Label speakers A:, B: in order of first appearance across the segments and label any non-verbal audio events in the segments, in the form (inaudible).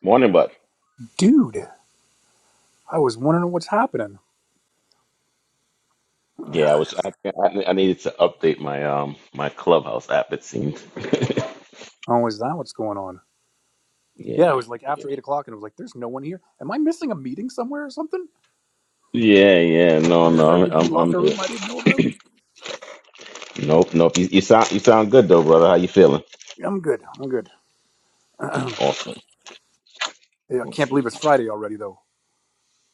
A: Morning, bud.
B: dude, I was wondering what's happening.
A: Yeah, I was. I, I, I needed to update my um my Clubhouse app. It seems. (laughs)
B: Oh, is that what's going on?
A: yeah,
B: Yeah, it was like after eight o'clock, and I was like, "There's no one here. Am I missing a meeting somewhere or something? Is
A: yeah, yeah. No,
B: there an
A: no, I'm
B: RVP
A: I'm, I'm
B: locker
A: here.
B: room I didn't know about?"
A: Nope, nope. You, you sound you sound good though, brother. How you feeling?
B: Yeah, I'm good. I'm good. (clears throat) yeah,
A: Awesome.
B: I can't believe it's Friday already, though.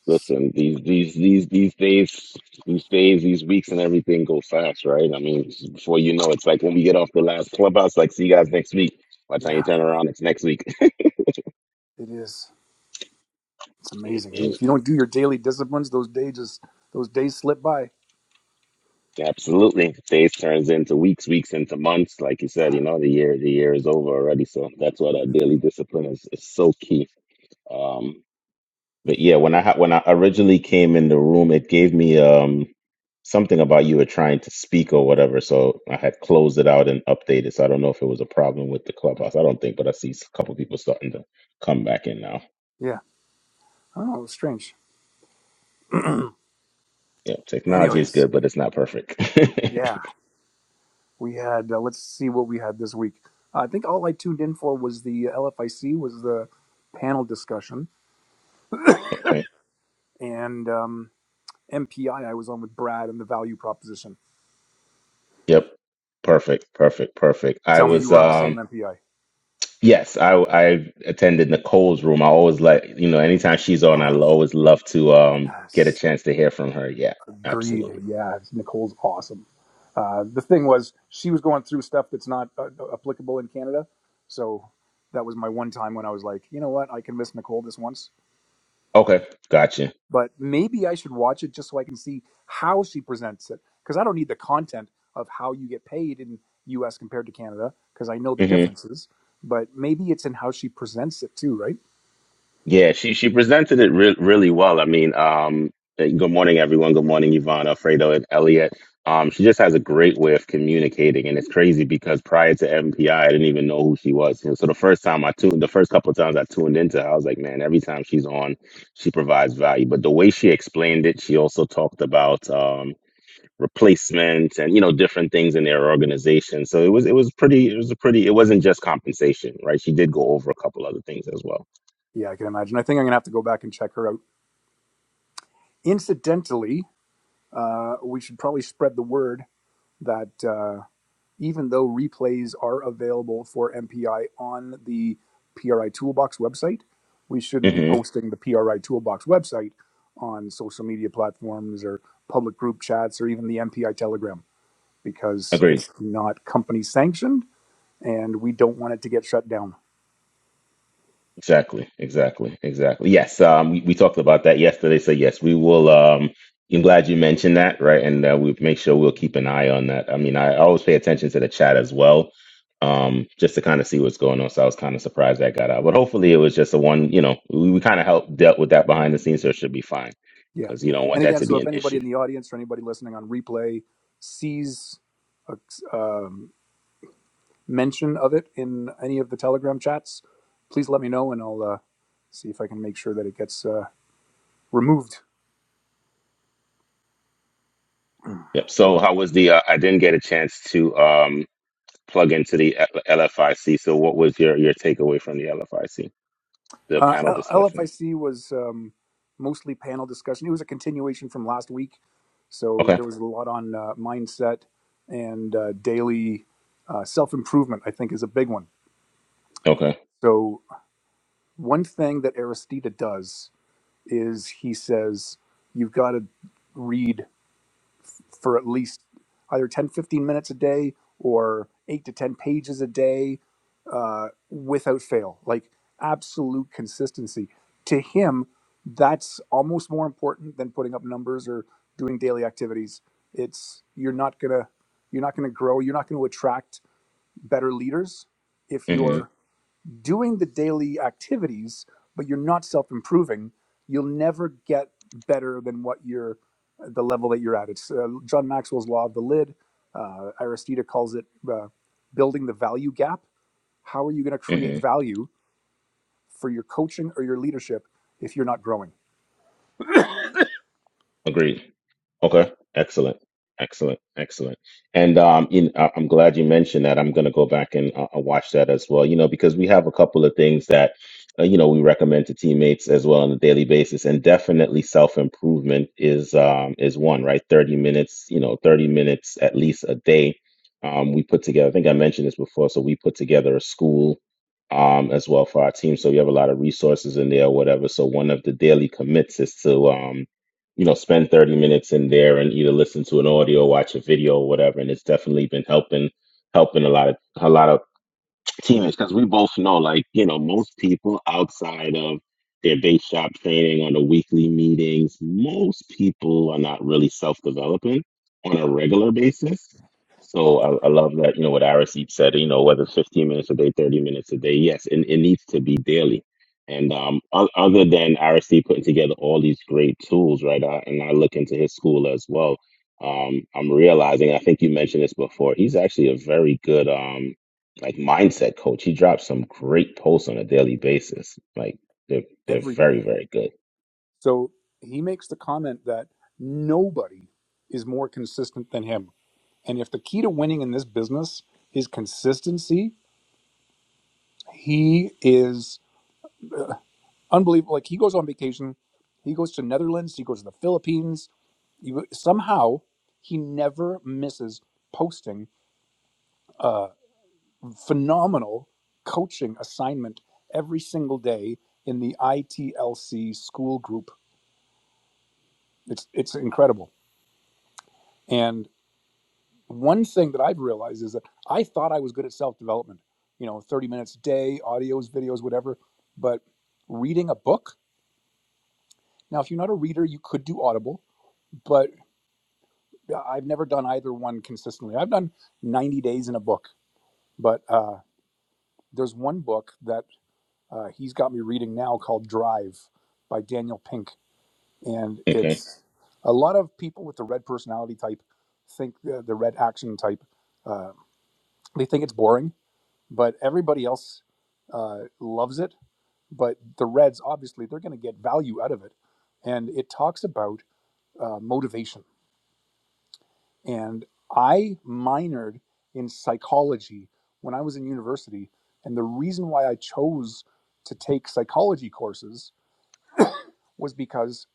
A: Listen, these these these these days, these days, these weeks, and everything go fast, right? I mean, before you know, it's like when we get off the last Clubhouse. Like, see you guys next week. By the time you
B: Yeah,
A: turn around, it's next week.
B: it is. It's
A: (laughs)
B: amazing. If you don't do your daily disciplines, those days just those days slip by.
A: Absolutely. Days turns into weeks, weeks into months. Like you said, you know, the year the year is over already. So that's why that daily discipline is, is so key. Um, but yeah, when I ha- when I originally came in the room, it gave me um something about you were trying to speak or whatever. So I had closed it out and updated. So I don't know if it was a problem with the clubhouse. I don't think, but I see a couple people starting to come back in now.
B: Yeah, I don't know. It was strange.
A: Yep, technology is
B: Anyways,
A: good, but it's not perfect.
B: yeah, we had. Uh, let's see what we had this week. I think all I tuned in for was the LFIC was the panel discussion
A: (laughs) okay.
B: and um, MPI I I was on with Brad and the value proposition.
A: Yep. Perfect. Perfect. Perfect. I
B: Tell me
A: was
B: you were on the
A: um
B: same MPI.
A: Yes, I I attended Nicole's room. I always like you know anytime she's on, I
B: Oh,
A: always love to um get a
B: yes.
A: chance to hear from her. Yeah,
B: Greed.
A: absolutely.
B: Yeah. Nicole's awesome. Uh, the thing was, she was going through stuff that's not uh, uh, applicable in Canada. So that was my one time when I was like, you know what? I can miss Nicole this once,
A: Okay, gotcha.
B: but maybe I should watch it just so I can see how she presents it. Because I don't need the content of how you get paid in US compared to Canada, because I know the
A: hmm
B: differences, but maybe it's in how she presents it too, right?
A: Yeah, she she presented it re- really well. I mean, um, eh, good morning, everyone. Good morning, Yvonne, Alfredo, and Elliot. Um, she just has a great way of communicating, and it's crazy because prior to MPI, I I didn't even know who she was. And so the first time I tuned, the first couple of times I tuned into, her, I was like, man, every time she's on, she provides value. But the way she explained it, she also talked about um, replacement and you know different things in their organization. So it was it was pretty. It was a pretty. It wasn't just compensation, right? She did go over a couple other things as well.
B: Yeah, I can imagine. I think I'm gonna have to go back and check her out. Incidentally, uh, we should probably spread the word that uh, even though replays are available for MPI on the PRI Toolbox website, we shouldn't be
A: hmm
B: posting the PRI Toolbox website on social media platforms or public group chats or even the MPI Telegram because
A: Agreed.
B: it's not company sanctioned and we don't want it to get shut down.
A: Exactly, exactly, exactly. Yes, um, we, we talked about that yesterday. So yes, we will. Um, I'm glad you mentioned that, right? And uh, we make sure we'll keep an eye on that. I mean, I always pay attention to the chat as well, um, just to kind of see what's going on. So I was kind of surprised that got out, but hopefully it was just a one. You know, we, we kind of helped dealt with that behind the scenes, so it should be fine
B: Yeah.
A: because you don't want
B: And
A: that
B: again,
A: to
B: so
A: be
B: if
A: an
B: anybody
A: issue.
B: in the audience or anybody listening on replay sees a um, mention of it in any of the Telegram chats, please let me know and I'll uh, see if I can make sure that it gets uh, removed.
A: Yep. So how was the? Uh, I didn't get a chance to um, plug into the L- LFIC. So what was your your takeaway from the LFIC, the
B: Uh,
A: panel discussion?
B: LFIC was um, mostly panel discussion. It was a continuation from last week. So
A: Okay.
B: there was a lot on uh, mindset and uh, daily uh, self improvement, I think, is a big one.
A: Okay.
B: So, one thing that Aristida does is he says you've got to read for at least either 10, 15 minutes a day or 8 to 10 pages a day uh, without fail like absolute consistency to him that's almost more important than putting up numbers or doing daily activities it's you're not gonna you're not gonna grow you're not gonna attract better leaders if
A: Mm-hmm.
B: you're doing the daily activities, but you're not self improving, you'll never get better than what you're the level that you're at. It's uh, John Maxwell's law of the lid. Uh, Aristida calls it uh, building the value gap. How are you going to create
A: Mm-hmm.
B: value for your coaching or your leadership if you're not growing
A: Agreed. Okay. Excellent. Excellent. Excellent. And um, you know, I'm glad you mentioned that. I'm going to go back and uh, uh, watch that as well, you know, because we have a couple of things that, uh, you know, we recommend to teammates as well on a daily basis. And definitely self-improvement is um, is one, right? 30 minutes, you know, 30 minutes at least a day. Um, we put together, I think I mentioned this before. So we put together a school um, as well for our team. So we have a lot of resources in there, whatever. So one of the daily commits is to, um, you know, spend 30 minutes in there and either listen to an audio, watch a video, or whatever. And it's definitely been helping helping a lot of a lot of teammates because we both know like you know most people outside of their base shop training on the weekly meetings most people are not really self-developing on a regular basis so i, I love that you know what Araseep said you know whether it's 15 minutes a day 30 minutes a day yes it, it needs to be daily and um, o- other than Araseep putting together all these great tools right I, and i look into his school as well um, i'm realizing i think you mentioned this before he's actually a very good um, like mindset coach. He drops some great posts on a daily basis. Like they're they're
B: every day?
A: very very good.
B: So he makes the comment that nobody is more consistent than him. And if the key to winning in this business is consistency, he is unbelievable. Like he goes on vacation, he goes to Netherlands, he goes to the Philippines. You, somehow he never misses posting a phenomenal coaching assignment every single day in the ITLC school group. It's it's incredible. And one thing that I've realized is that I thought I was good at self development. You know, thirty minutes a day, audios, videos, whatever. But reading a book. Now, if you're not a reader, you could do Audible but. Yeah, I've never done either one consistently. I've done 90 days in a book, but uh, there's one book that uh, he's got me reading now called Drive by Daniel Pink. And
A: Okay.
B: it's a lot of people with the red personality type think the, the red action type, uh, they think it's boring, but everybody else uh, loves it. But the reds, obviously, they're going to get value out of it. And it talks about uh, motivation And I minored in psychology when I was in university. And the reason why I chose to take psychology courses was because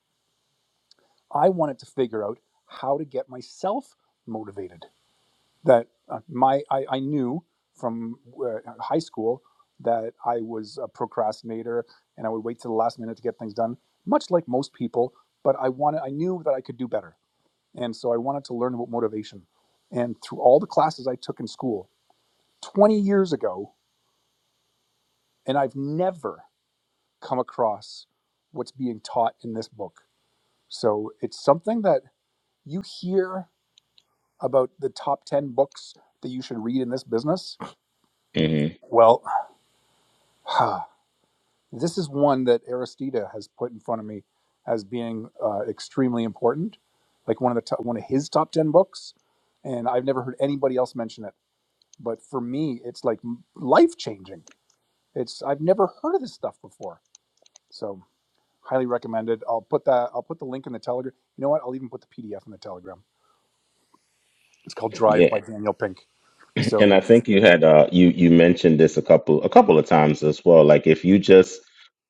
B: I wanted to figure out how to get myself motivated. That uh, my I, I knew from uh, high school that I was a procrastinator and I would wait till the last minute to get things done, much like most people. But I wanted I knew that I could do better, and so I wanted to learn about motivation. And through all the classes I took in school, 20 years ago, and I've never come across what's being taught in this book. So it's something that you hear about the top 10 books that you should read in this business.
A: hmm
B: Well, (sighs) this is one that Aristida has put in front of me as being uh, extremely important, like one of the top, one of his top 10 books, and I've never heard anybody else mention it. But for me, it's like life changing. It's I've never heard of this stuff before. So Highly recommended. I'll put that. I'll put the link in the Telegram. You know what? I'll even put the PDF in the Telegram. It's called
A: Yeah,
B: Drive by Daniel Pink.
A: (clears throat) And
B: So
A: I think you had uh you you mentioned this a couple a couple of times as well. Like if you just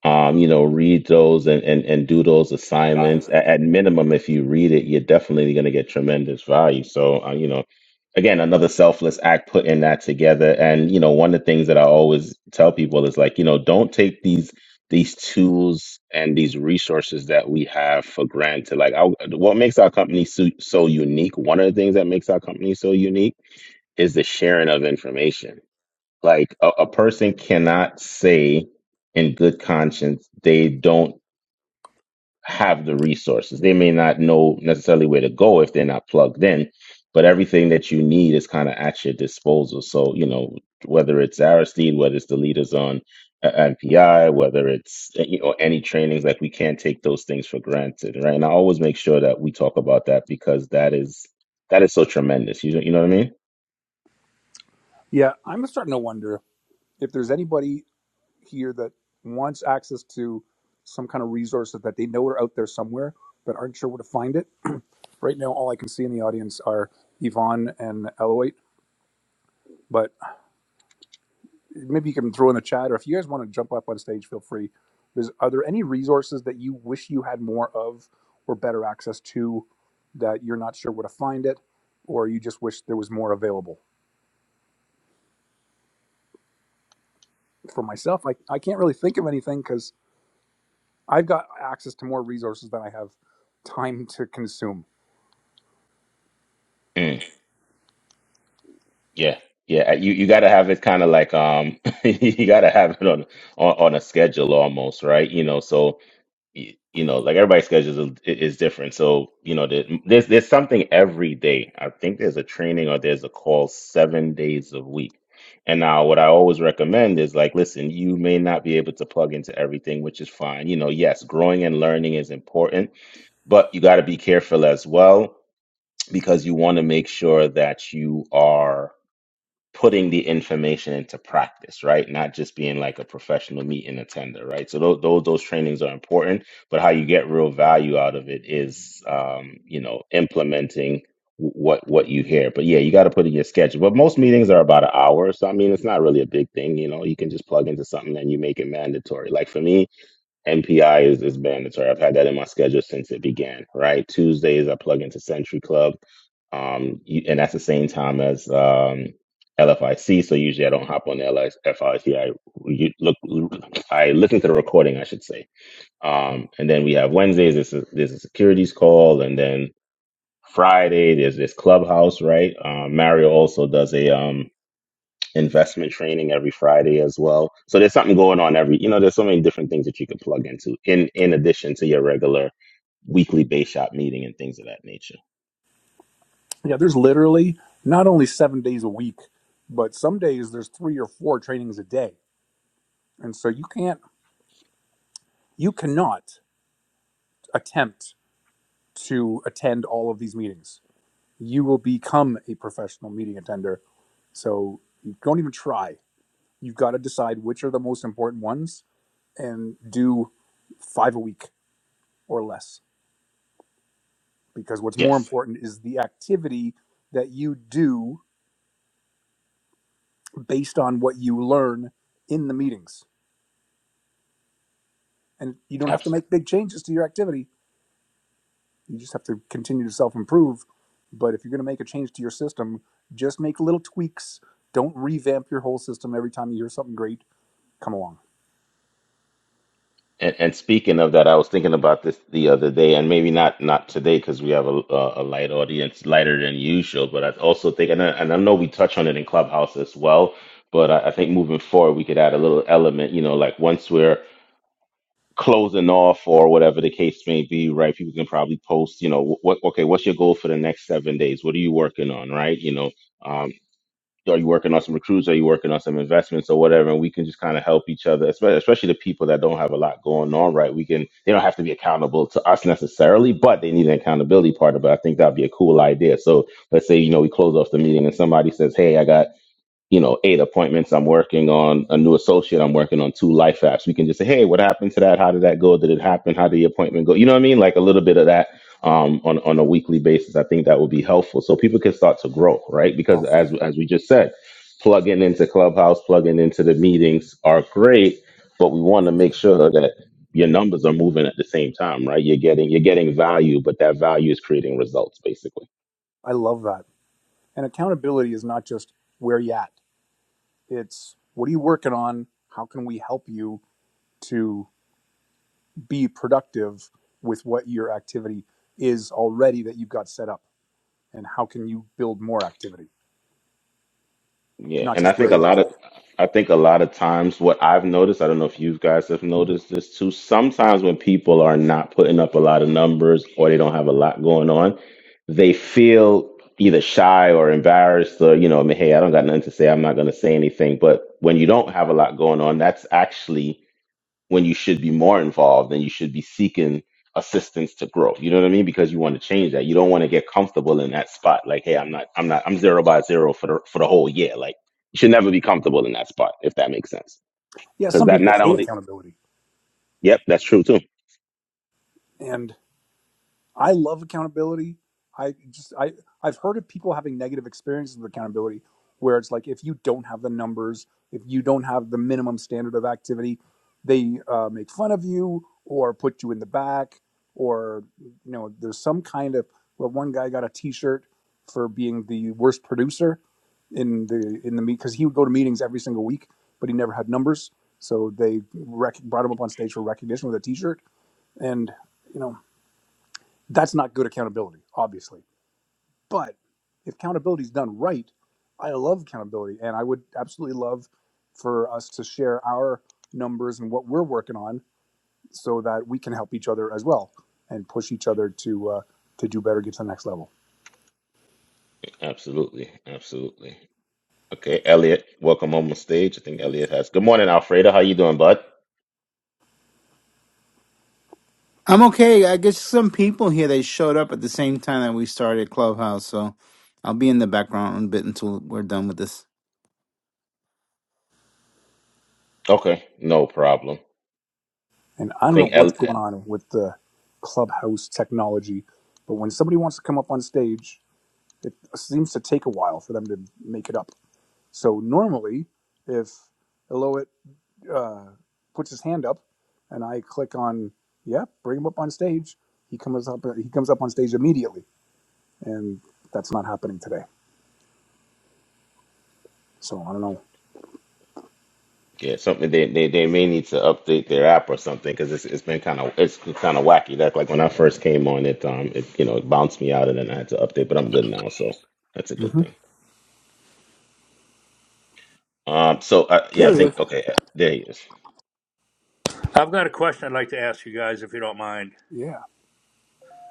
A: um you know read those and and, and do those assignments at, at minimum, if you read it, you're definitely going to get tremendous value. So uh, you know, again, another selfless act putting that together. And you know, one of the things that I always tell people is like you know don't take these these tools and these resources that we have for granted. Like I, what makes our company so, so unique? One of the things that makes our company so unique is the sharing of information. Like a, a person cannot say in good conscience they don't have the resources. They may not know necessarily where to go if they're not plugged in, but everything that you need is kind of at your disposal. So, you know, whether it's Aristide, whether it's the leaders on uh, NPI, whether it's uh, you know any trainings, like we can't take those things for granted, right? And I always make sure that we talk about that because that is that is so tremendous. You you know what I mean?
B: yeah, I'm starting to wonder if there's anybody here that wants access to some kind of resources that they know are out there somewhere but aren't sure where to find it. Right now, all I can see in the audience are Yvonne and Eloit. but maybe you can throw in the chat, or if you guys want to jump up on stage, feel free. Is, are there any resources that you wish you had more of or better access to that you're not sure where to find it, or you just wish there was more available? For myself, I, I can't really think of anything because I've got access to more resources than I have time to consume.
A: Yeah, yeah. uh, You you got to have it kind of like um, (laughs) you got to have it on, on on a schedule almost, right? You know, so y- you know, like everybody's schedule is, is different. So you know, there- there's there's something every day. I think there's a training or there's a call seven days a week. And now, what I always recommend is like, listen, you may not be able to plug into everything, which is fine. You know, yes, growing and learning is important, but you got to be careful as well because you want to make sure that you are putting the information into practice, right? Not just being like a professional meat and attender, right? So those, those those trainings are important, but how you get real value out of it is, um, you know, implementing wh- what what you hear. But yeah, you got to put in your schedule. But most meetings are about an hour, so I mean, it's not really a big thing. You know, you can just plug into something and you make it mandatory. Like for me, MPI is, is mandatory. I've had that in my schedule since it began, right? Tuesdays, I plug into Century Club, um, you- and that's the same time as um, LFIC. So usually I don't hop on the LFIC. I C. I re- look, I listen to the recording, I should say. Um, and then we have Wednesdays, there's a, there's a securities call, and then Friday, there's this clubhouse, right? Um, Mario also does a. um, investment training every Friday as well. So there's something going on every, you know, there's so many different things that you can plug into in in addition to your regular weekly base shop meeting and things of that nature.
B: Yeah, there's literally not only seven days a week, but some days there's three or four trainings a day. And so you can't, you cannot attempt to attend all of these meetings you will become a professional meeting attender. So you don't even try. You've got to decide which are the most important ones and do five a week or less. Because what's more
A: Yes,
B: important is the activity that you do based on what you learn in the meetings. And you don't have to
A: absolutely.
B: make big changes to your activity. You just have to continue to self improve. But if you're going to make a change to your system, just make little tweaks. Don't revamp your whole system every time you hear something great. Come along.
A: And, and speaking of that, I was thinking about this the other day, and maybe not not today because we have a, a a light audience, lighter than usual. But I also think, and I, and I know we touch on it in Clubhouse as well. But I, I think moving forward, we could add a little element, you know, like once we're closing off or whatever the case may be, right? People can probably post, you know, what okay, what's your goal for the next seven days? What are you working on, right? You know, um, are you working on some recruits? Are you working on some investments or whatever? And we can just kind of help each other, especially, especially the people that don't have a lot going on, right? We can they don't have to be accountable to us necessarily, but they need an accountability partner. But I think that'd be a cool idea. So let's say you know we close off the meeting and somebody says, "Hey, I got." you know, eight appointments. I'm working on a new associate. I'm working on two life apps. We can just say, hey, what happened to that? How did that go? Did it happen? How did the appointment go? You know what I mean? Like a little bit of that um, on on a weekly basis. I think that would be helpful so people can start to grow, right? Because
B: Oh.
A: as as we just said, plugging into Clubhouse, plugging into the meetings are great, but we want to make sure that your numbers are moving at the same time, right? You're getting you're getting value, but that value is creating results, basically.
B: I love that. And accountability is not just where you at. It's what are you working on? How can we help you to be productive with what your activity is already that you've got set up? And how can you build more activity?
A: Yeah,
B: Not
A: and I
B: just where
A: think a
B: you at.
A: lot of I think a lot of times what I've noticed, I don't know if you guys have noticed this too, sometimes when people are not putting up a lot of numbers or they don't have a lot going on, they feel either shy or embarrassed or you know, I mean, hey, I don't got nothing to say, I'm not going to say anything, but when you don't have a lot going on, that's actually when you should be more involved and you should be seeking assistance to grow. You know what I mean? Because you want to change that. You don't want to get comfortable in that spot. Like, hey, I'm not, I'm not, I'm zero by zero for the for the whole year. Like, you should never be comfortable in that spot, if that makes sense.
B: Yeah,
A: Because
B: some
A: that
B: people
A: not
B: hate
A: only,
B: accountability.
A: yep, that's true too.
B: and. I love accountability. I just I I've heard of people having negative experiences with accountability where it's like if you don't have the numbers, if you don't have the minimum standard of activity, they uh, make fun of you or put you in the back or you know there's some kind of well one guy got a t-shirt for being the worst producer in the in the meet because he would go to meetings every single week but he never had numbers so they rec- brought him up on stage for recognition with a t-shirt and you know that's not good accountability, obviously. But if accountability is done right, I love accountability, and I would absolutely love for us to share our numbers and what we're working on, so that we can help each other as well and push each other to uh, to do better, get to the next level.
A: Absolutely, absolutely. Okay, Elliot, welcome on the stage. I think Elliot has. Good morning, Alfredo. How you doing, bud?
C: I'm okay. I guess some people here they showed up at the same time that we started Clubhouse, so I'll be in the background a bit until we're done with this.
A: Okay, no problem.
B: And
A: I
B: I don't know
A: think El-
B: what's going on with the clubhouse technology, but when somebody wants to come up on stage, it seems to take a while for them to make it up. So normally, if Eloit uh, puts his hand up, and I click on, yeah, bring him up on stage. He comes up. He comes up on stage immediately, and that's not happening today. So I don't know.
A: Yeah, something they, they they may need to update their app or something because it's it's been kind of it's kind of wacky. That like when I first came on it, um, it you know it bounced me out and then I had to update, but I'm good now, so that's a good
B: hmm
A: thing. Um, so I yeah, I
B: There he
A: think
B: is.
A: okay, uh, there he is.
D: I've got a question I'd like to ask you guys, if you don't mind.
B: Yeah,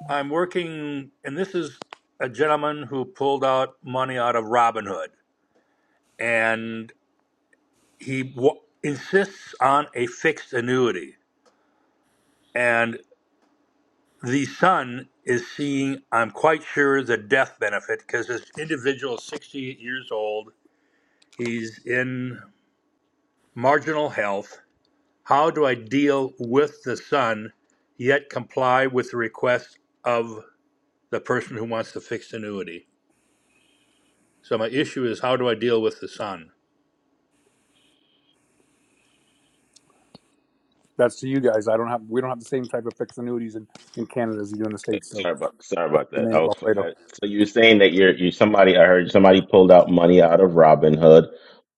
D: I'm working, and this is a gentleman who pulled out money out of Robinhood, and he w- insists on a fixed annuity. And the son is seeing, I'm quite sure, the death benefit because this individual is 68 years old. He's in marginal health. How do I deal with the son, yet comply with the request of the person who wants the fixed annuity? So my issue is how do I deal with the son?
B: that's to you guys. I don't have. We don't have the same type of fixed annuities in, in Canada as you do in the states. So
A: Sorry about sorry about that. Oh,
B: Emmanuel
A: f-
B: Alfredo.
A: I- so you were saying that you're you somebody I heard somebody pulled out money out of Robinhood,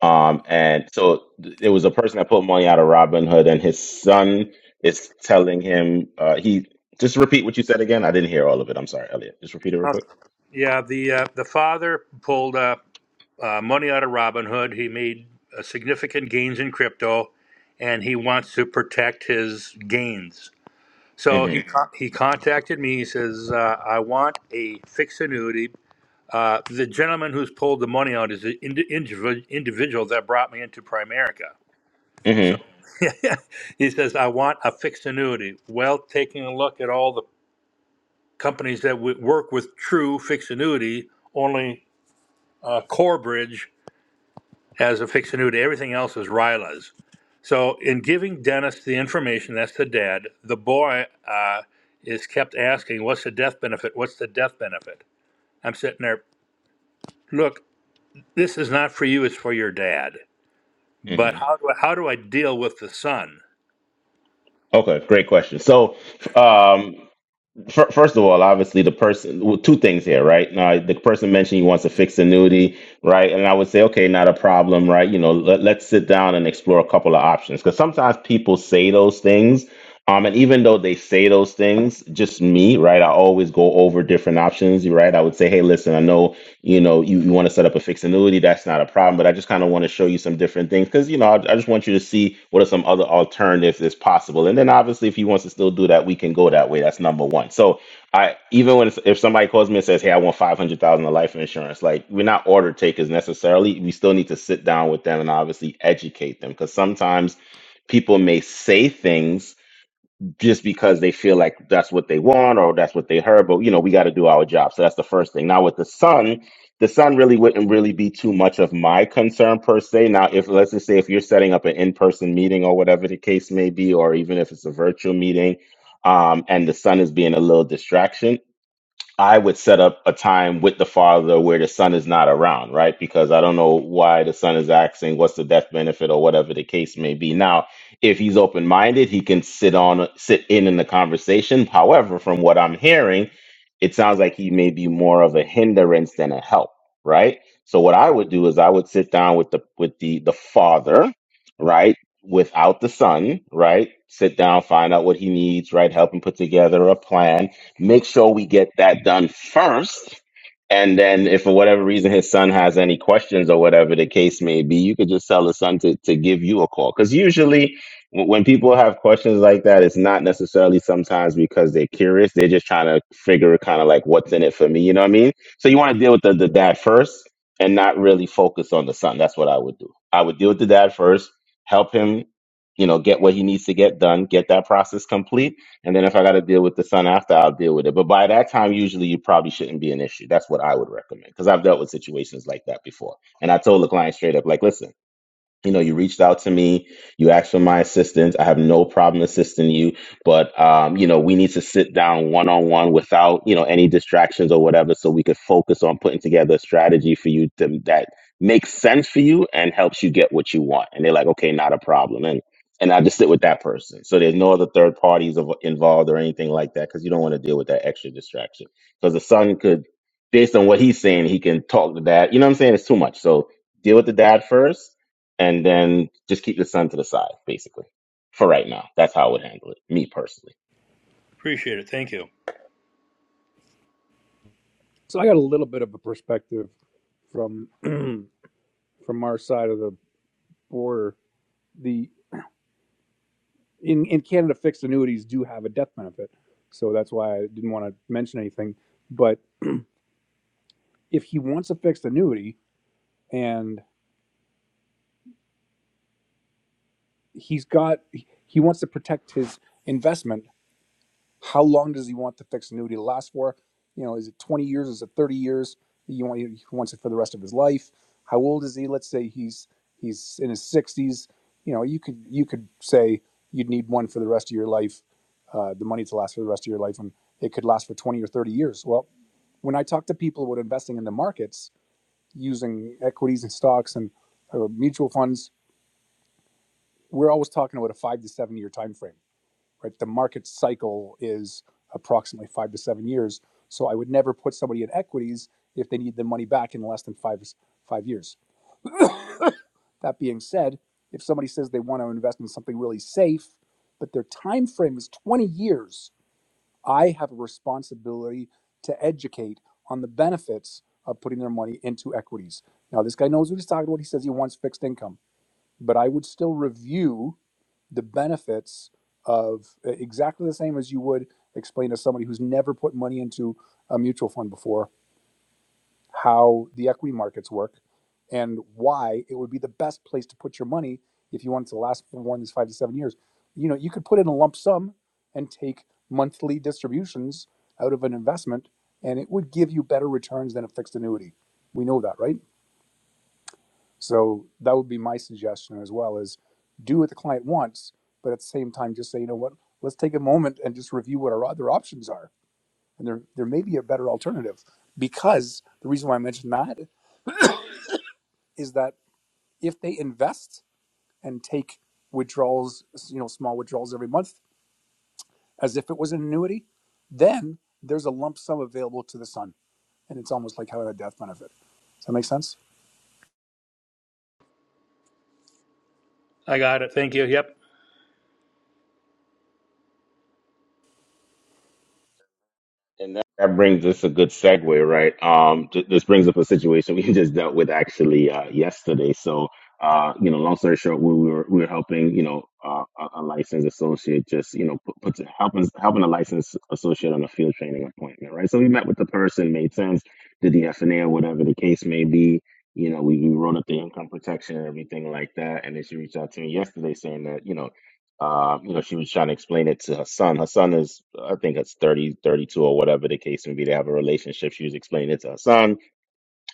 A: um, and so th- there was a person that pulled money out of Robinhood, and his son is telling him uh, he just repeat what you said again. I didn't hear all of it. I'm sorry, Elliot. Just repeat it real
D: Uh,
A: quick.
D: Yeah, the uh, the father pulled uh, uh, money out of Robinhood. He made uh, significant gains in crypto, and he wants to protect his gains. So he
A: Mm-hmm.
D: con- he contacted me. He says, uh, "I want a fixed annuity." Uh, the gentleman who's pulled the money out is the indi- individ- individual that brought me into Primerica. So
A: Mm-hmm.
D: (laughs) he says, "I want a fixed annuity." Well, taking a look at all the companies that would work with true fixed annuity, only uh, Corebridge has a fixed annuity. Everything else is RILAs. So, in giving Dennis the information, that's the dad, the boy uh, is kept asking, What's the death benefit? What's the death benefit? I'm sitting there, Look, this is not for you, it's for your dad. But
A: Mm-hmm.
D: how do I, how do I deal with the son?
A: Okay, great question. So, um, Fir- First of all, obviously, the person, well, two things here, right? Now, the person mentioned he wants a fixed annuity, right? And I would say, okay, not a problem, right? You know, let, let's sit down and explore a couple of options because sometimes people say those things. Um, and even though they say those things, just me, right? I always go over different options, right? I would say, hey, listen, I know you know you, you want to set up a fixed annuity that's not a problem but i just kind of want to show you some different things because you know I, I just want you to see what are some other alternatives that's possible and then obviously if he wants to still do that we can go that way that's number one so i even when it's, if somebody calls me and says hey i want 500000 of life insurance like we're not order takers necessarily we still need to sit down with them and obviously educate them because sometimes people may say things just because they feel like that's what they want or that's what they heard. But you know, we got to do our job. So that's the first thing. Now with the sun, the sun really wouldn't really be too much of my concern per se. Now, if let's just say if you're setting up an in-person meeting or whatever the case may be, or even if it's a virtual meeting, um, and the sun is being a little distraction, I would set up a time with the father where the son is not around, right? Because I don't know why the son is asking what's the death benefit or whatever the case may be. Now, if he's open minded, he can sit on sit in in the conversation. However, from what I'm hearing, it sounds like he may be more of a hindrance than a help, right? So what I would do is I would sit down with the with the the father, right? Without the son, right? Sit down, find out what he needs, right? Help him put together a plan Make sure we get that done first. And then, if for whatever reason his son has any questions or whatever the case may be, you could just tell the son to, to give you a call. Because usually, w- when people have questions like that, it's not necessarily sometimes because they're curious. They're just trying to figure kind of like what's in it for me. You know what I mean? So, you want to deal with the, the dad first and not really focus on the son. That's what I would do. I would deal with the dad first, help him, you know, get what he needs to get done, get that process complete and then if I got to deal with the sun after, I'll deal with it. But by that time, usually you probably shouldn't be an issue. That's what I would recommend because I've dealt with situations like that before. And I told the client straight up, like, listen you know, you reached out to me, you asked for my assistance. I have no problem assisting you, but um, you know, we need to sit down one on one without, you know, any distractions or whatever so we could focus on putting together a strategy for you to, that makes sense for you and helps you get what you want. And they're like, "Okay, not a problem." And and I just sit with that person. So there's no other third parties of, involved or anything like that cuz you don't want to deal with that extra distraction. Cuz the son could based on what he's saying, he can talk to dad. You know what I'm saying? It's too much. So deal with the dad first and then just keep the sun to the side, basically, for right now. That's how I would handle it, me personally.
D: Appreciate it. Thank you.
B: So I got a little bit of a perspective from from our side of the border. The in in Canada, fixed annuities do have a death benefit, so that's why I didn't want to mention anything. But if he wants a fixed annuity and he's got he wants to protect his investment how long does he want the fixed annuity to last for you know is it 20 years is it 30 years you want he wants it for the rest of his life how old is he let's say he's he's in his 60s you know you could you could say you'd need one for the rest of your life uh, the money to last for the rest of your life and it could last for 20 or 30 years well when i talk to people about investing in the markets using equities and stocks and uh, mutual funds we're always talking about a five to seven year time frame right the market cycle is approximately five to seven years so i would never put somebody in equities if they need the money back in less than five five years that being said if somebody says they want to invest in something really safe but their time frame is 20 years i have a responsibility to educate on the benefits of putting their money into equities now this guy knows what he's talking about he says he wants fixed income but i would still review the benefits of uh, exactly the same as you would explain to somebody who's never put money into a mutual fund before how the equity markets work and why it would be the best place to put your money if you wanted to last for more than five to seven years. You know, you could put in a lump sum and take monthly distributions out of an investment, and it would give you better returns than a fixed annuity. We know that, right? So that would be my suggestion as well is do what the client wants, but at the same time just say, you know what, let's take a moment and just review what our other options are. And there there may be a better alternative. Because the reason why I mentioned that is that if they invest and take withdrawals, you know, small withdrawals every month as if it was an annuity, then there's a lump sum available to the son. And it's almost like having a death benefit. Does that make sense?
D: I got it. Thank you. Yep.
A: And that, that brings us a good segue, right? Um, th- this brings up a situation we (laughs) just dealt with actually uh, yesterday. So, uh, you know, long story short, we were we were helping, you know, uh, a, a licensed associate just, you know, put, put helping helping a licensed associate on a field training appointment, right? So we met with the person, made sense, did the F and A or whatever the case may be. You know, we, we wrote up the income protection and everything like that. And then she reached out to me yesterday saying that, you know, um, you know, she was trying to explain it to her son. Her son is, I think, it's 30, 32, or whatever the case may be. They have a relationship. She was explaining it to her son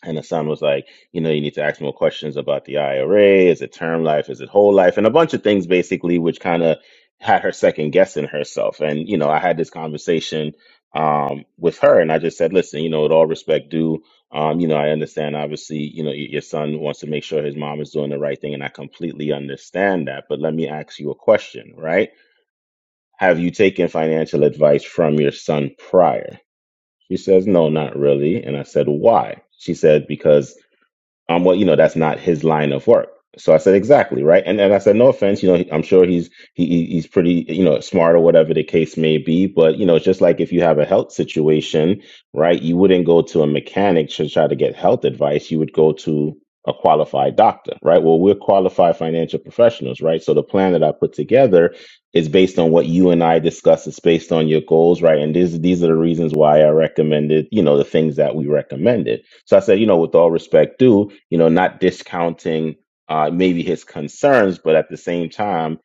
A: and Hassan was like, you know, you need to ask more questions about the IRA. Is it term life? Is it whole life? And a bunch of things basically, which kind of had her second guessing herself. And, you know, I had this conversation um, with her and I just said, listen, you know, with all respect due, um, you know, I understand obviously, you know, y- your son wants to make sure his mom is doing the right thing. And I completely understand that. But let me ask you a question, right? Have you taken financial advice from your son prior? She says, no, not really. And I said, why? She said, because um, well, you know, that's not his line of work. So I said, exactly, right? And and I said, no offense, you know, I'm sure he's he he- he's pretty, you know, smart or whatever the case may be. But you know, it's just like if you have a health situation, right? You wouldn't go to a mechanic to try to get health advice. You would go to a qualified doctor, right? Well, we're qualified financial professionals, right? So the plan that I put together is based on what you and I discussed. It's based on your goals, right? And these these are the reasons why I recommended, you know, the things that we recommended so I said, you know, with all respect due, you know, not discounting uh, maybe his concerns, but at the same time,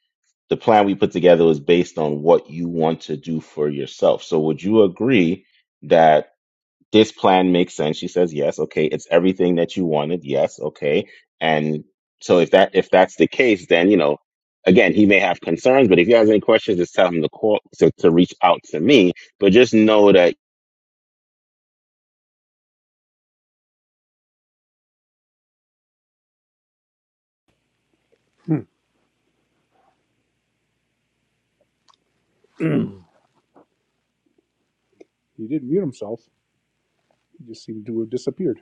A: the plan we put together was based on what you want to do for yourself. So would you agree that this plan makes sense? She says, yes. Okay. It's everything that you wanted. Yes. Okay. And so if that, if that's the case, then, you know, again, he may have concerns, but if he has any questions, just tell him to call, to, to reach out to me. But just know that
B: Hmm. He didn't mute himself. He just seemed to have disappeared.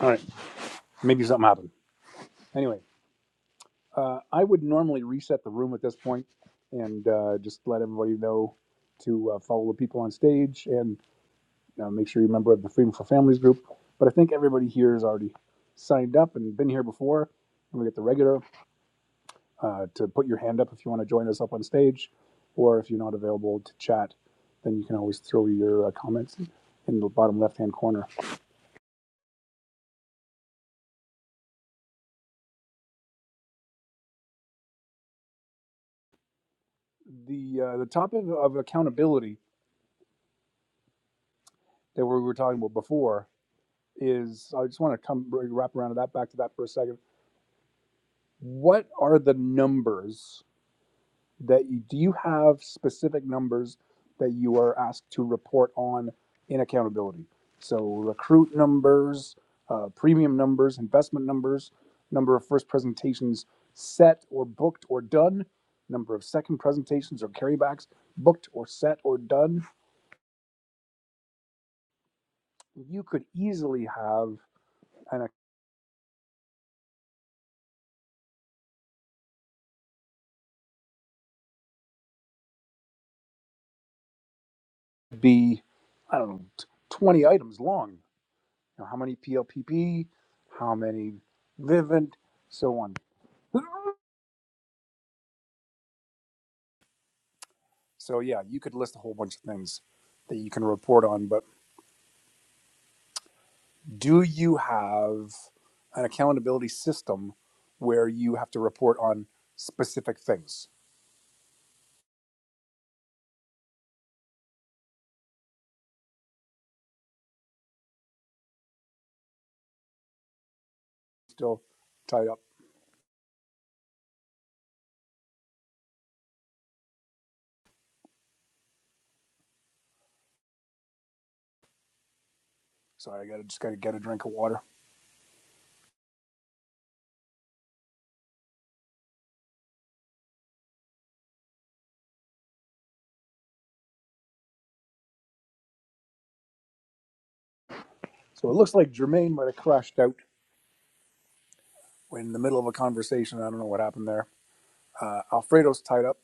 B: All right. Maybe something happened. Anyway, uh, I would normally reset the room at this point and uh, just let everybody know to uh, follow the people on stage and uh, make sure you're a member of the Freedom for Families group. But I think everybody here has already signed up and been here before. And we get the regular uh, to put your hand up if you want to join us up on stage, or if you're not available to chat, then you can always throw your uh, comments in the bottom left hand corner. The uh, the topic of accountability that we were talking about before is I just want to come wrap around to that back to that for a second. What are the numbers that you do you have specific numbers that you are asked to report on in accountability? So recruit numbers, uh, premium numbers, investment numbers, number of first presentations set or booked or done, number of second presentations or carrybacks booked or set or done. You could easily have and it could be I don't know 20 items long You know, how many PLPP, how many Vivint, so on. So yeah, you could list a whole bunch of things that you can report on, but do you have an accountability system where you have to report on specific things? Still tied up. Sorry, I gotta just gotta get a drink of water. So it looks like Jermaine might have crashed out in the middle of a conversation. I don't know what happened there. Uh, Alfredo's tied up,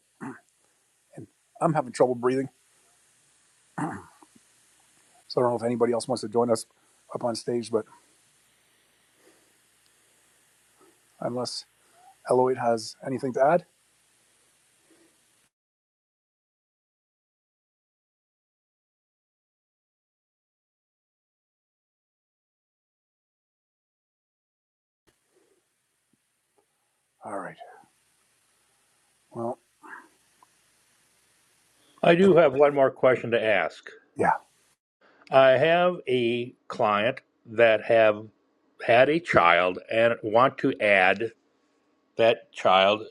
B: and I'm having trouble breathing. So I don't know if anybody else wants to join us up on stage, but unless Eloyd has anything to add. All right. Well,
D: I do have one more question to ask.
B: yeah.
D: I have a client that have had a child and want to add that child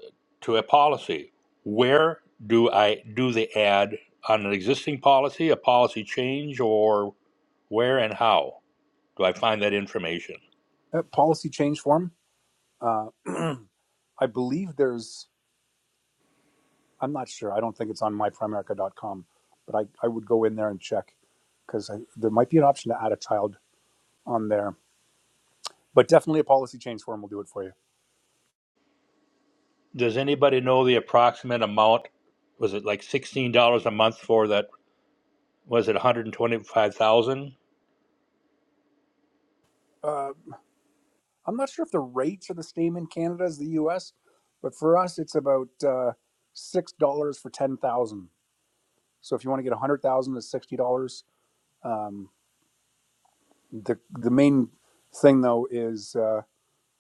D: to a policy. Where do I do the add on an existing policy, a policy change, or where and how do I find that information?
B: That policy change form, uh, I believe there's, I'm not sure. I don't think it's on myprimerica.com, but I, I would go in there and check because there might be an option to add a child on there. But definitely a policy change form will do it for you.
D: Does anybody know the approximate amount? Was it like sixteen dollars a month for that? Was it one hundred twenty-five thousand?
B: Uh, I'm not sure if the rates are the same in Canada as the US, but for us, it's about uh, $6 for 10,000. So if you want to get 100,000, it's $60. Um, the the main thing though is uh,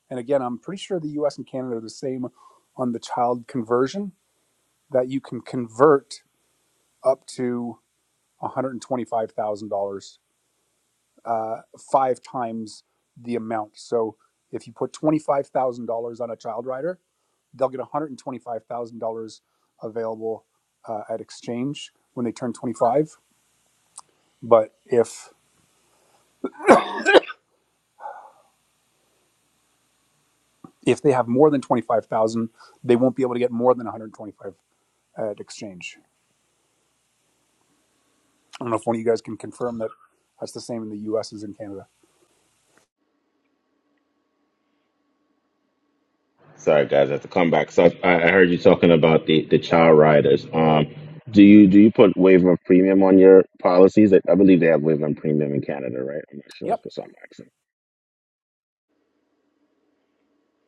B: and again i'm pretty sure the us and canada are the same on the child conversion that you can convert up to $125000 uh, five times the amount so if you put $25000 on a child rider they'll get $125000 available uh, at exchange when they turn 25 but if if they have more than 25000 they won't be able to get more than 125 dollars at exchange. I don't know if one of you guys can confirm that that's the same in the U.S. as in Canada.
A: Sorry, guys, I have to come back. So I, I heard you talking about the, the child riders. Um, do you do you put waiver of premium on your policies? I, I believe they have waiver of premium in Canada, right? I'm not sure if
B: Yep,
A: it's on accent.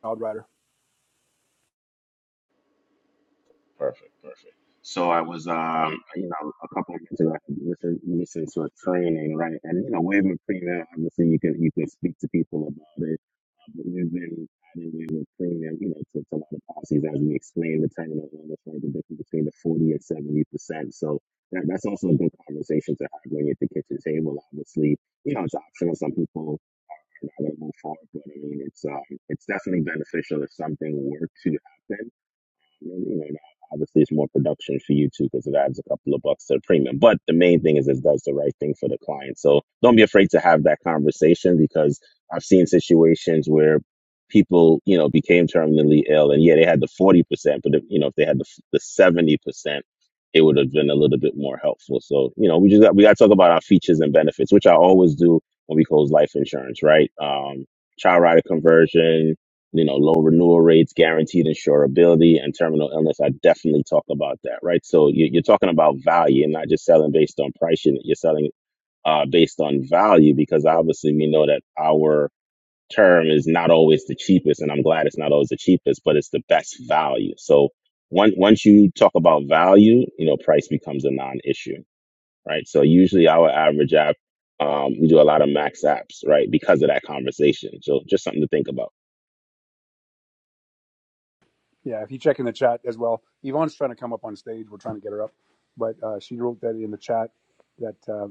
B: Wild Rider.
A: Perfect, perfect. So I was, um, you know, a couple of years ago, I was listening, listening to a training, right? And you know, Waving Premium, obviously, you can you can speak to people about it. Uh, but we've been adding Waving Premium, you know, to, to a lot of policies as we explain the terminal and the right, the difference between the forty and seventy percent. So that, that's also a good conversation to have when you're at the kitchen table. Obviously, you know, it's optional. Some people are not going to move forward, but I mean, it's um, it's definitely beneficial if something were to happen and you know, obviously it's more production for you too because it adds a couple of bucks to the premium. But the main thing is it does the right thing for the client. So don't be afraid to have that conversation because I've seen situations where people, you know, became terminally ill and yeah, they had the 40%, but if, you know, if they had the, the 70%, it would have been a little bit more helpful. So, you know, we just got, we got to talk about our features and benefits, which I always do when we close life insurance, right? Um, child rider conversion, you know, low renewal rates, guaranteed insurability, and terminal illness. I definitely talk about that, right? So you- you're talking about value and not just selling based on price. You're you're selling uh, based on value because obviously we know that our term is not always the cheapest, and I'm glad it's not always the cheapest, but it's the best value. So once once you talk about value, you know, price becomes a non-issue, right? So usually our average app, um, we do a lot of max apps, right, because of that conversation. So just something to think about.
B: Yeah, if you check in the chat as well, Yvonne's trying to come up on stage. We're trying to get her up, but uh, she wrote that in the chat that uh,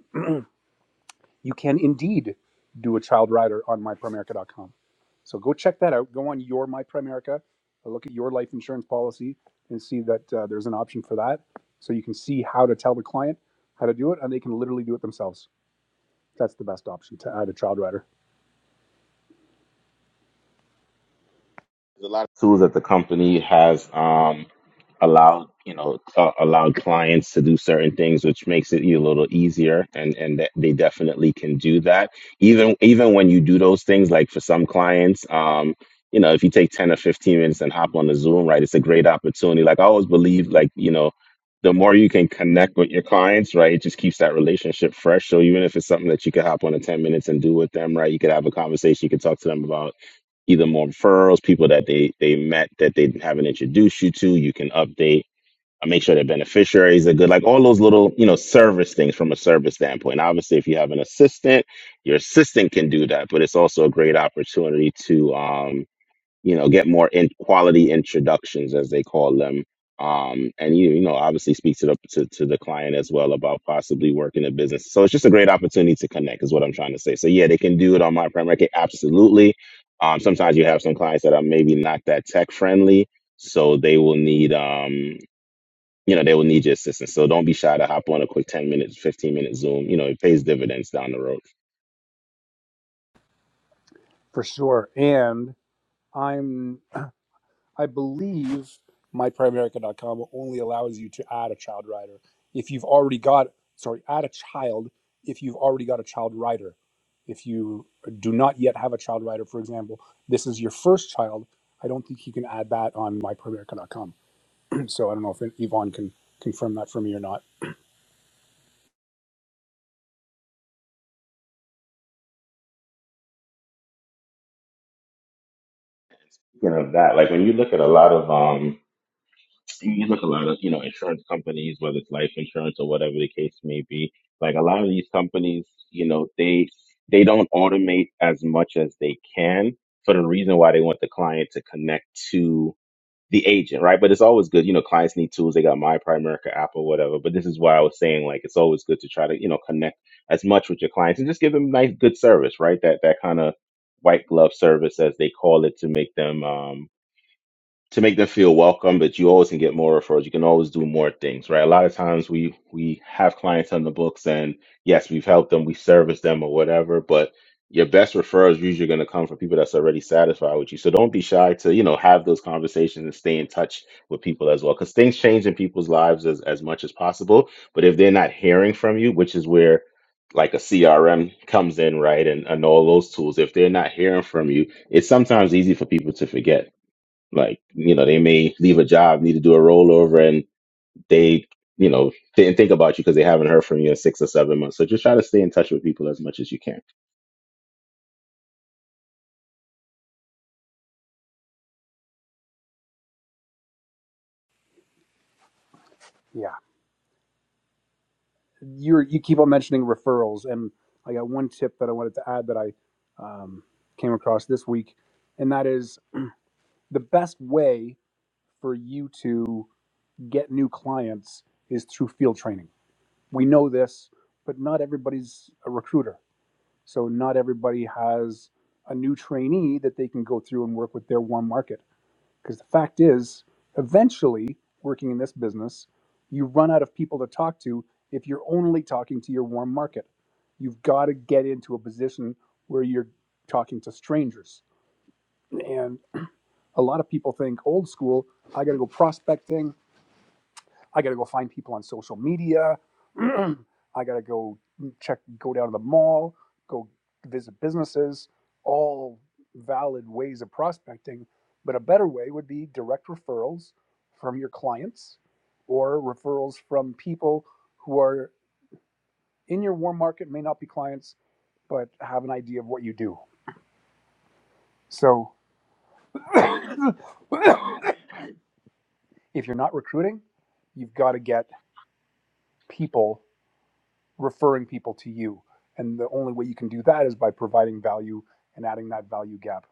B: you can indeed do a child rider on myprimerica.com. So go check that out. Go on your MyPrimerica, look at your life insurance policy, and see that uh, there's an option for that. So you can see how to tell the client how to do it, and they can literally do it themselves. That's the best option to add a child rider
A: There's a lot of tools that the company has um, allowed, you know, uh, allowed clients to do certain things, which makes it a little easier, and and that they definitely can do that. Even even when you do those things, like for some clients, um, you know, if you take ten or fifteen minutes and hop on the Zoom, right, it's a great opportunity. Like I always believe, like you know. The more you can connect with your clients, right, it just keeps that relationship fresh. So even if it's something that you could hop on in ten minutes and do with them, right, you could have a conversation, you could talk to them about either more referrals, people that they they met that they haven't introduced you to. You can update. uh, Make sure their beneficiaries are good, like all those little, you know, service things from a service standpoint. Obviously, if you have an assistant, your assistant can do that, but it's also a great opportunity to um, you know, get more in quality introductions as they call them. Um, and you, you know, obviously speak to the to, to the client as well about possibly working a business. So it's just a great opportunity to connect is what I'm trying to say. So yeah, they can do it on my prem record, absolutely. Um, sometimes you have some clients that are maybe not that tech friendly, so they will need um, you know, they will need your assistance. So don't be shy to hop on a quick 10 minutes, 15 minute Zoom. You know, it pays dividends down the road.
B: for sure. And I'm I believe myprimeamerica.com only allows you to add a child rider if you've already got sorry add a child if you've already got a child rider. If you do not yet have a child rider, for example, this is your first child. I don't think you can add that on myprimeamerica.com. (clears throat) so I don't know if Yvonne can confirm that for me or not.
A: You know that like when you look at a lot of um you look a lot of you know insurance companies, whether it's life insurance or whatever the case may be. Like a lot of these companies, you know, they they don't automate as much as they can for the reason why they want the client to connect to the agent, right? But it's always good, you know, clients need tools. They got My Prime America app or whatever. But this is why I was saying like it's always good to try to you know connect as much with your clients and just give them nice good service, right? That that kind of white glove service as they call it to make them um to make them feel welcome, but you always can get more referrals. You can always do more things, right? A lot of times we we have clients on the books and yes, we've helped them, we service them or whatever, but your best referrals usually going to come from people that's already satisfied with you. So don't be shy to, you know, have those conversations and stay in touch with people as well cuz things change in people's lives as as much as possible, but if they're not hearing from you, which is where like a CRM comes in, right? And and all those tools, if they're not hearing from you, it's sometimes easy for people to forget like, you know, they may leave a job, need to do a rollover, and they, you know, didn't think about you because they haven't heard from you in six or seven months. So just try to stay in touch with people as much as you can.
B: Yeah, you are you keep on mentioning referrals, and I got one tip that I wanted to add that I um, came across this week, and that is the best way for you to get new clients is through field training. We know this, but not everybody's a recruiter. So not everybody has a new trainee that they can go through and work with their warm market. Because the fact is, eventually, working in this business, you run out of people to talk to if you're only talking to your warm market. You've got to get into a position where you're talking to strangers. And a lot of people think old school, I got to go prospecting, I got to go find people on social media. (clears throat) I got to go check, go down to the mall, go visit businesses, all valid ways of prospecting. But a better way would be direct referrals from your clients or referrals from people who are in your warm market, may not be clients, but have an idea of what you do. So (coughs) if you're not recruiting, you've got to get people referring people to you. And the only way you can do that is by providing value and adding that value gap.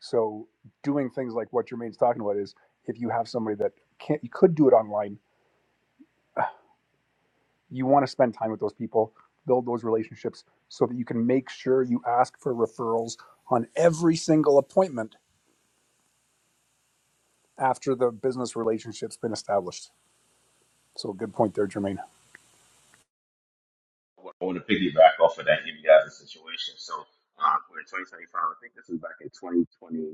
B: So doing things like what Jermaine's talking about is if you have somebody that can't you could do it online, you want to spend time with those people, build those relationships so that you can make sure you ask for referrals on every single appointment after the business relationship's been established. So good point there, Jermaine.
A: I want to piggyback off of that India situation. So uh, we're in 2025. I think this is back in 2020.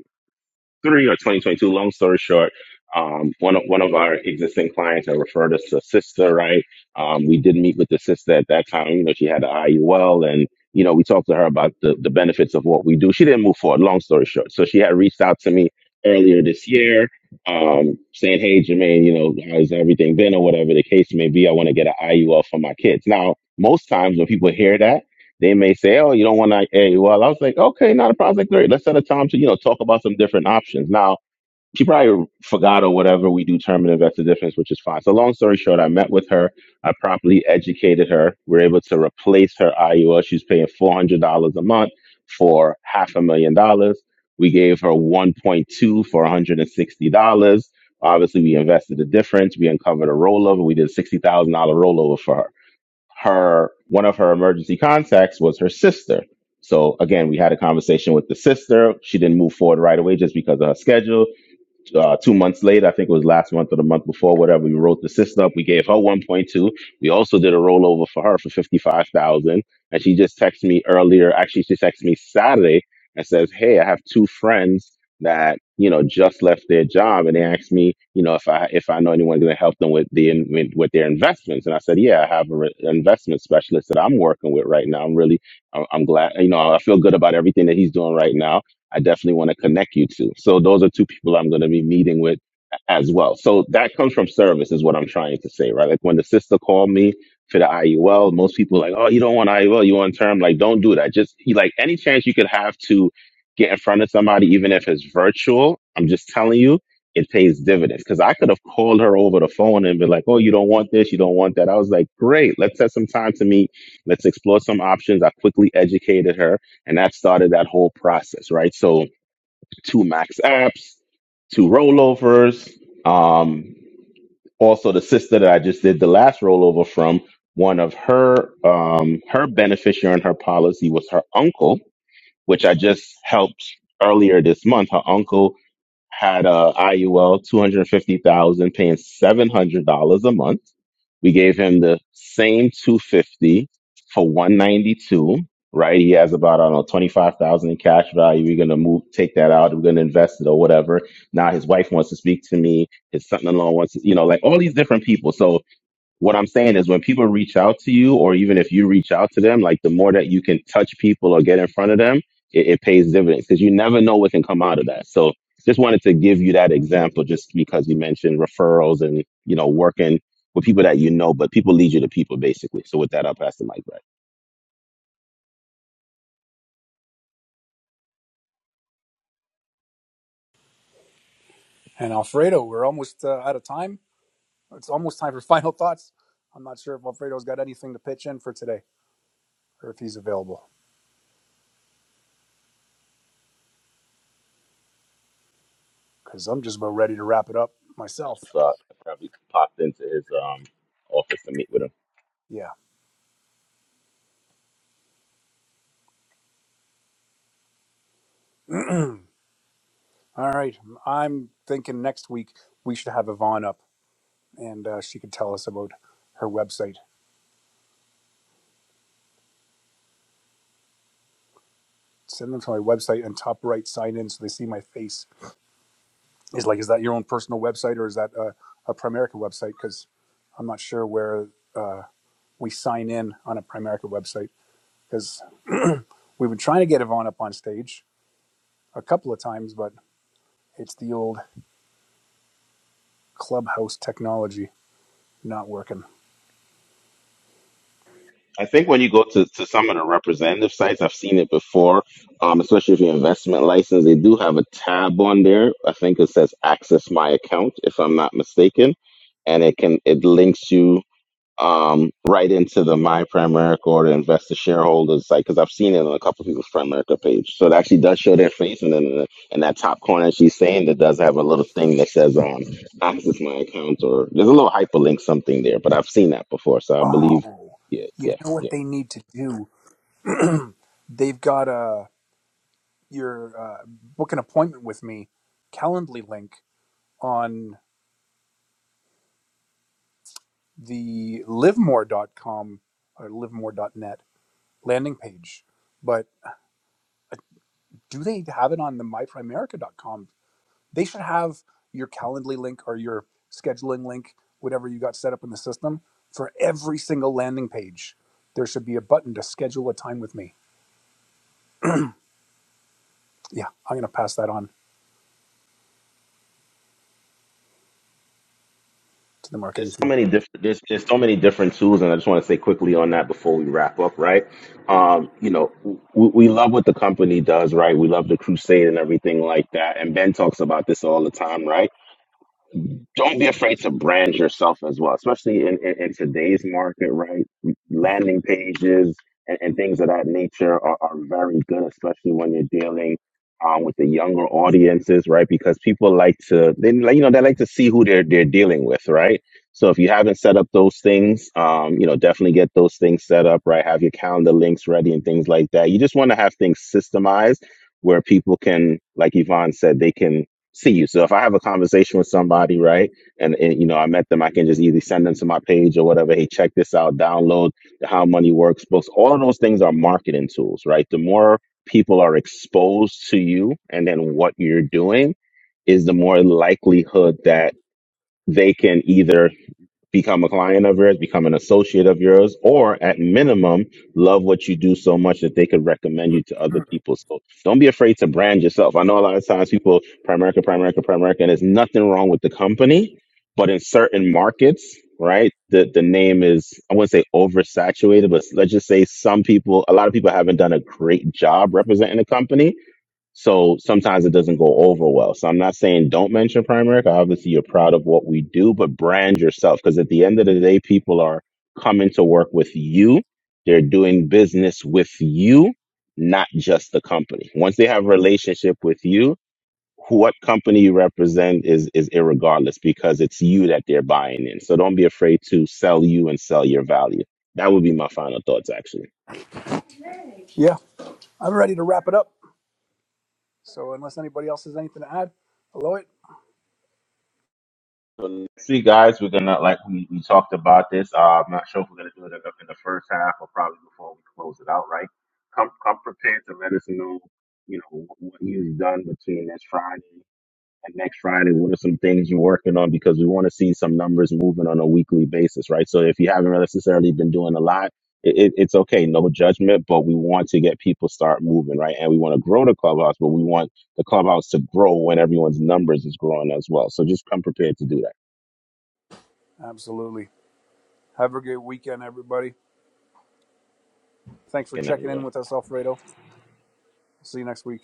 A: three or 2022. Long story short, um, one of, one of our existing clients had referred us to a sister, right? Um, we did meet with the sister at that time. You know, she had an IUL and, you know, we talked to her about the, the benefits of what we do. She didn't move forward. Long story short. So she had reached out to me earlier this year, um, saying, Hey, Jermaine, you know, how's everything been or whatever the case may be? I want to get an IUL for my kids. Now, most times when people hear that, they may say, "Oh, you don't want to AA." Well, I was like, "Okay, not a problem." Like, great, let's set a time to you know talk about some different options. Now she probably forgot or whatever. We do term and invest the difference, which is fine. So long story short, I met with her. I properly educated her. We are able to replace her IUL. She's paying four hundred dollars a month for half a million dollars. We gave her one point two for one hundred and sixty dollars. Obviously, we invested the difference. We uncovered a rollover. We did a sixty thousand dollar rollover for her her one of her emergency contacts was her sister. So again, we had a conversation with the sister. She didn't move forward right away just because of her schedule uh, two months later, I think it was last month or the month before, whatever. We wrote the sister up. We gave her 1.2. We also did a rollover for her for 55,000. And she just texted me earlier. Actually, she texted me Saturday and says, "Hey, I have two friends that you know just left their job, and they asked me, you know, if I if I know anyone going to help them with the in- with with their investments." And I said, "Yeah, I have a re- an investment specialist that I'm working with right now. I'm really, I'm I'm glad, you know, I feel good about everything that he's doing right now." I definitely want to connect you to. So those are two people I'm going to be meeting with as well. So that comes from service is what I'm trying to say, right? Like when the sister called me for the IUL, most people are like, oh, you don't want IUL, you want term. Like, don't do that. Just like any chance you could have to get in front of somebody, even if it's virtual, I'm just telling you, it pays dividends. Cause I could have called her over the phone and been like, oh, you don't want this, you don't want that. I was like, great, let's set some time to meet. Let's explore some options. I quickly educated her and that started that whole process, right? So two max apps, two rollovers. Um, also the sister that I just did the last rollover from, one of her um, her beneficiary in her policy was her uncle, which I just helped earlier this month. Her uncle had a IUL 250,000 paying $700 a month. We gave him the same 250 for 192, right? He has about, I don't know, 25,000 in cash value. We're going to move, take that out. We're going to invest it or whatever. Now his wife wants to speak to me. His son-in-law wants to, you know, like all these different people. So what I'm saying is when people reach out to you, or even if you reach out to them, like the more that you can touch people or get in front of them, it, it pays dividends because you never know what can come out of that. So just wanted to give you that example just because you mentioned referrals and, you know, working with people that you know, but people lead you to people basically. So with that, I'll pass the mic back.
B: And Alfredo, we're almost uh, out of time. It's almost time for (laughs) final thoughts. I'm not sure if Alfredo's got anything to pitch in for today. or if he's available because I'm just about ready to wrap it up myself.
A: So I probably popped into his um, office to meet with him.
B: Yeah. All right. I'm thinking next week we should have Yvonne up and uh, she could tell us about her website. Send them to my website and top right sign in so they see my face. Is like, is that your own personal website or is that a, a Primerica website? Because I'm not sure where uh, we sign in on a Primerica website because we've been trying to get Yvonne up on stage a couple of times, but it's the old clubhouse technology not working.
A: I think when you go to, to some of the representative sites, I've seen it before, um, especially if you investment license, they do have a tab on there. I think it says access my account, if I'm not mistaken. And it can it links you um, right into the My Primerica or the investor shareholders site because I've seen it on a couple of people's Primerica page. So it actually does show their face. And then in, the, in that top corner, she's saying that does have a little thing that says um, access my account or there's a little hyperlink something there, but I've seen that before. So I believe,
B: Oh,
A: yeah,
B: you
A: yeah,
B: know
A: yeah.
B: what they need to do? They've got a your uh, book an appointment with me Calendly link on the livemore.com or livemore.net landing page. But uh, do they have it on the myprimerica.com? They should have your Calendly link or your scheduling link, whatever you got set up in the system, for every single landing page. There should be a button to schedule a time with me. Yeah, I'm going to pass that on to the marketing
A: there's so many different there's, there's so many different tools and i just want to say quickly on that before we wrap up right um you know we, we love what the company does right we love the crusade and everything like that and ben talks about this all the time right don't be afraid to brand yourself as well, especially in, in, in today's market, right? Landing pages and, and things of that nature are, are very good, especially when you're dealing um, with the younger audiences, right? Because people like to, they like, you know, they like to see who they're they're dealing with, right? So if you haven't set up those things, um, you know, definitely get those things set up, right? Have your calendar links ready and things like that. You just want to have things systemized where people can, like Yvonne said, they can see you. So if I have a conversation with somebody, right, and, and you know I met them, I can just either send them to my page or whatever. Hey, check this out. Download the How Money Works books. All of those things are marketing tools, right? The more people are exposed to you and then what you're doing is the more likelihood that they can either become a client of yours, become an associate of yours, or at minimum, love what you do so much that they could recommend you to other
B: team.
A: people. So don't be afraid to brand yourself. I know a lot of times people, Primerica, Primerica, Primerica, and there's nothing wrong with the company, but in certain markets, right, the, the name is, I wouldn't say oversaturated, but let's just say some people, a lot of people haven't done a great job representing the company so sometimes it doesn't go over well. So I'm not saying don't mention Primerica. Obviously, you're proud of what we do, but brand yourself because at the end of the day, people are coming to work with you. They're doing business with you, not just the company. Once they have a relationship with you, who- what company you represent is is irregardless because it's you that they're buying in. So don't be afraid to sell you and sell your value. That would be my final thoughts, actually.
B: Yeah, I'm ready to wrap it up. So, unless anybody else has anything to add, hello it.
A: So next week, guys, we're gonna like we, we talked about this. Uh, I'm not sure if we're gonna do it in the, in the first half or probably before we close it out. Right? Come come prepared to let us know, you know, wh- what you've done between this Friday and next Friday. What are some things you're working on? Because we want to see some numbers moving on a weekly basis, right? So if you haven't necessarily been doing a lot. It, it, it's okay, no judgment, but we want to get people start moving, right? And we want to grow the clubhouse, but we want the clubhouse to grow when everyone's numbers is growing as well. So just come prepared to do that.
B: Absolutely. Have a great weekend, everybody. Thanks for
A: and
B: checking
A: everyone.
B: in with us, Alfredo. See you next week.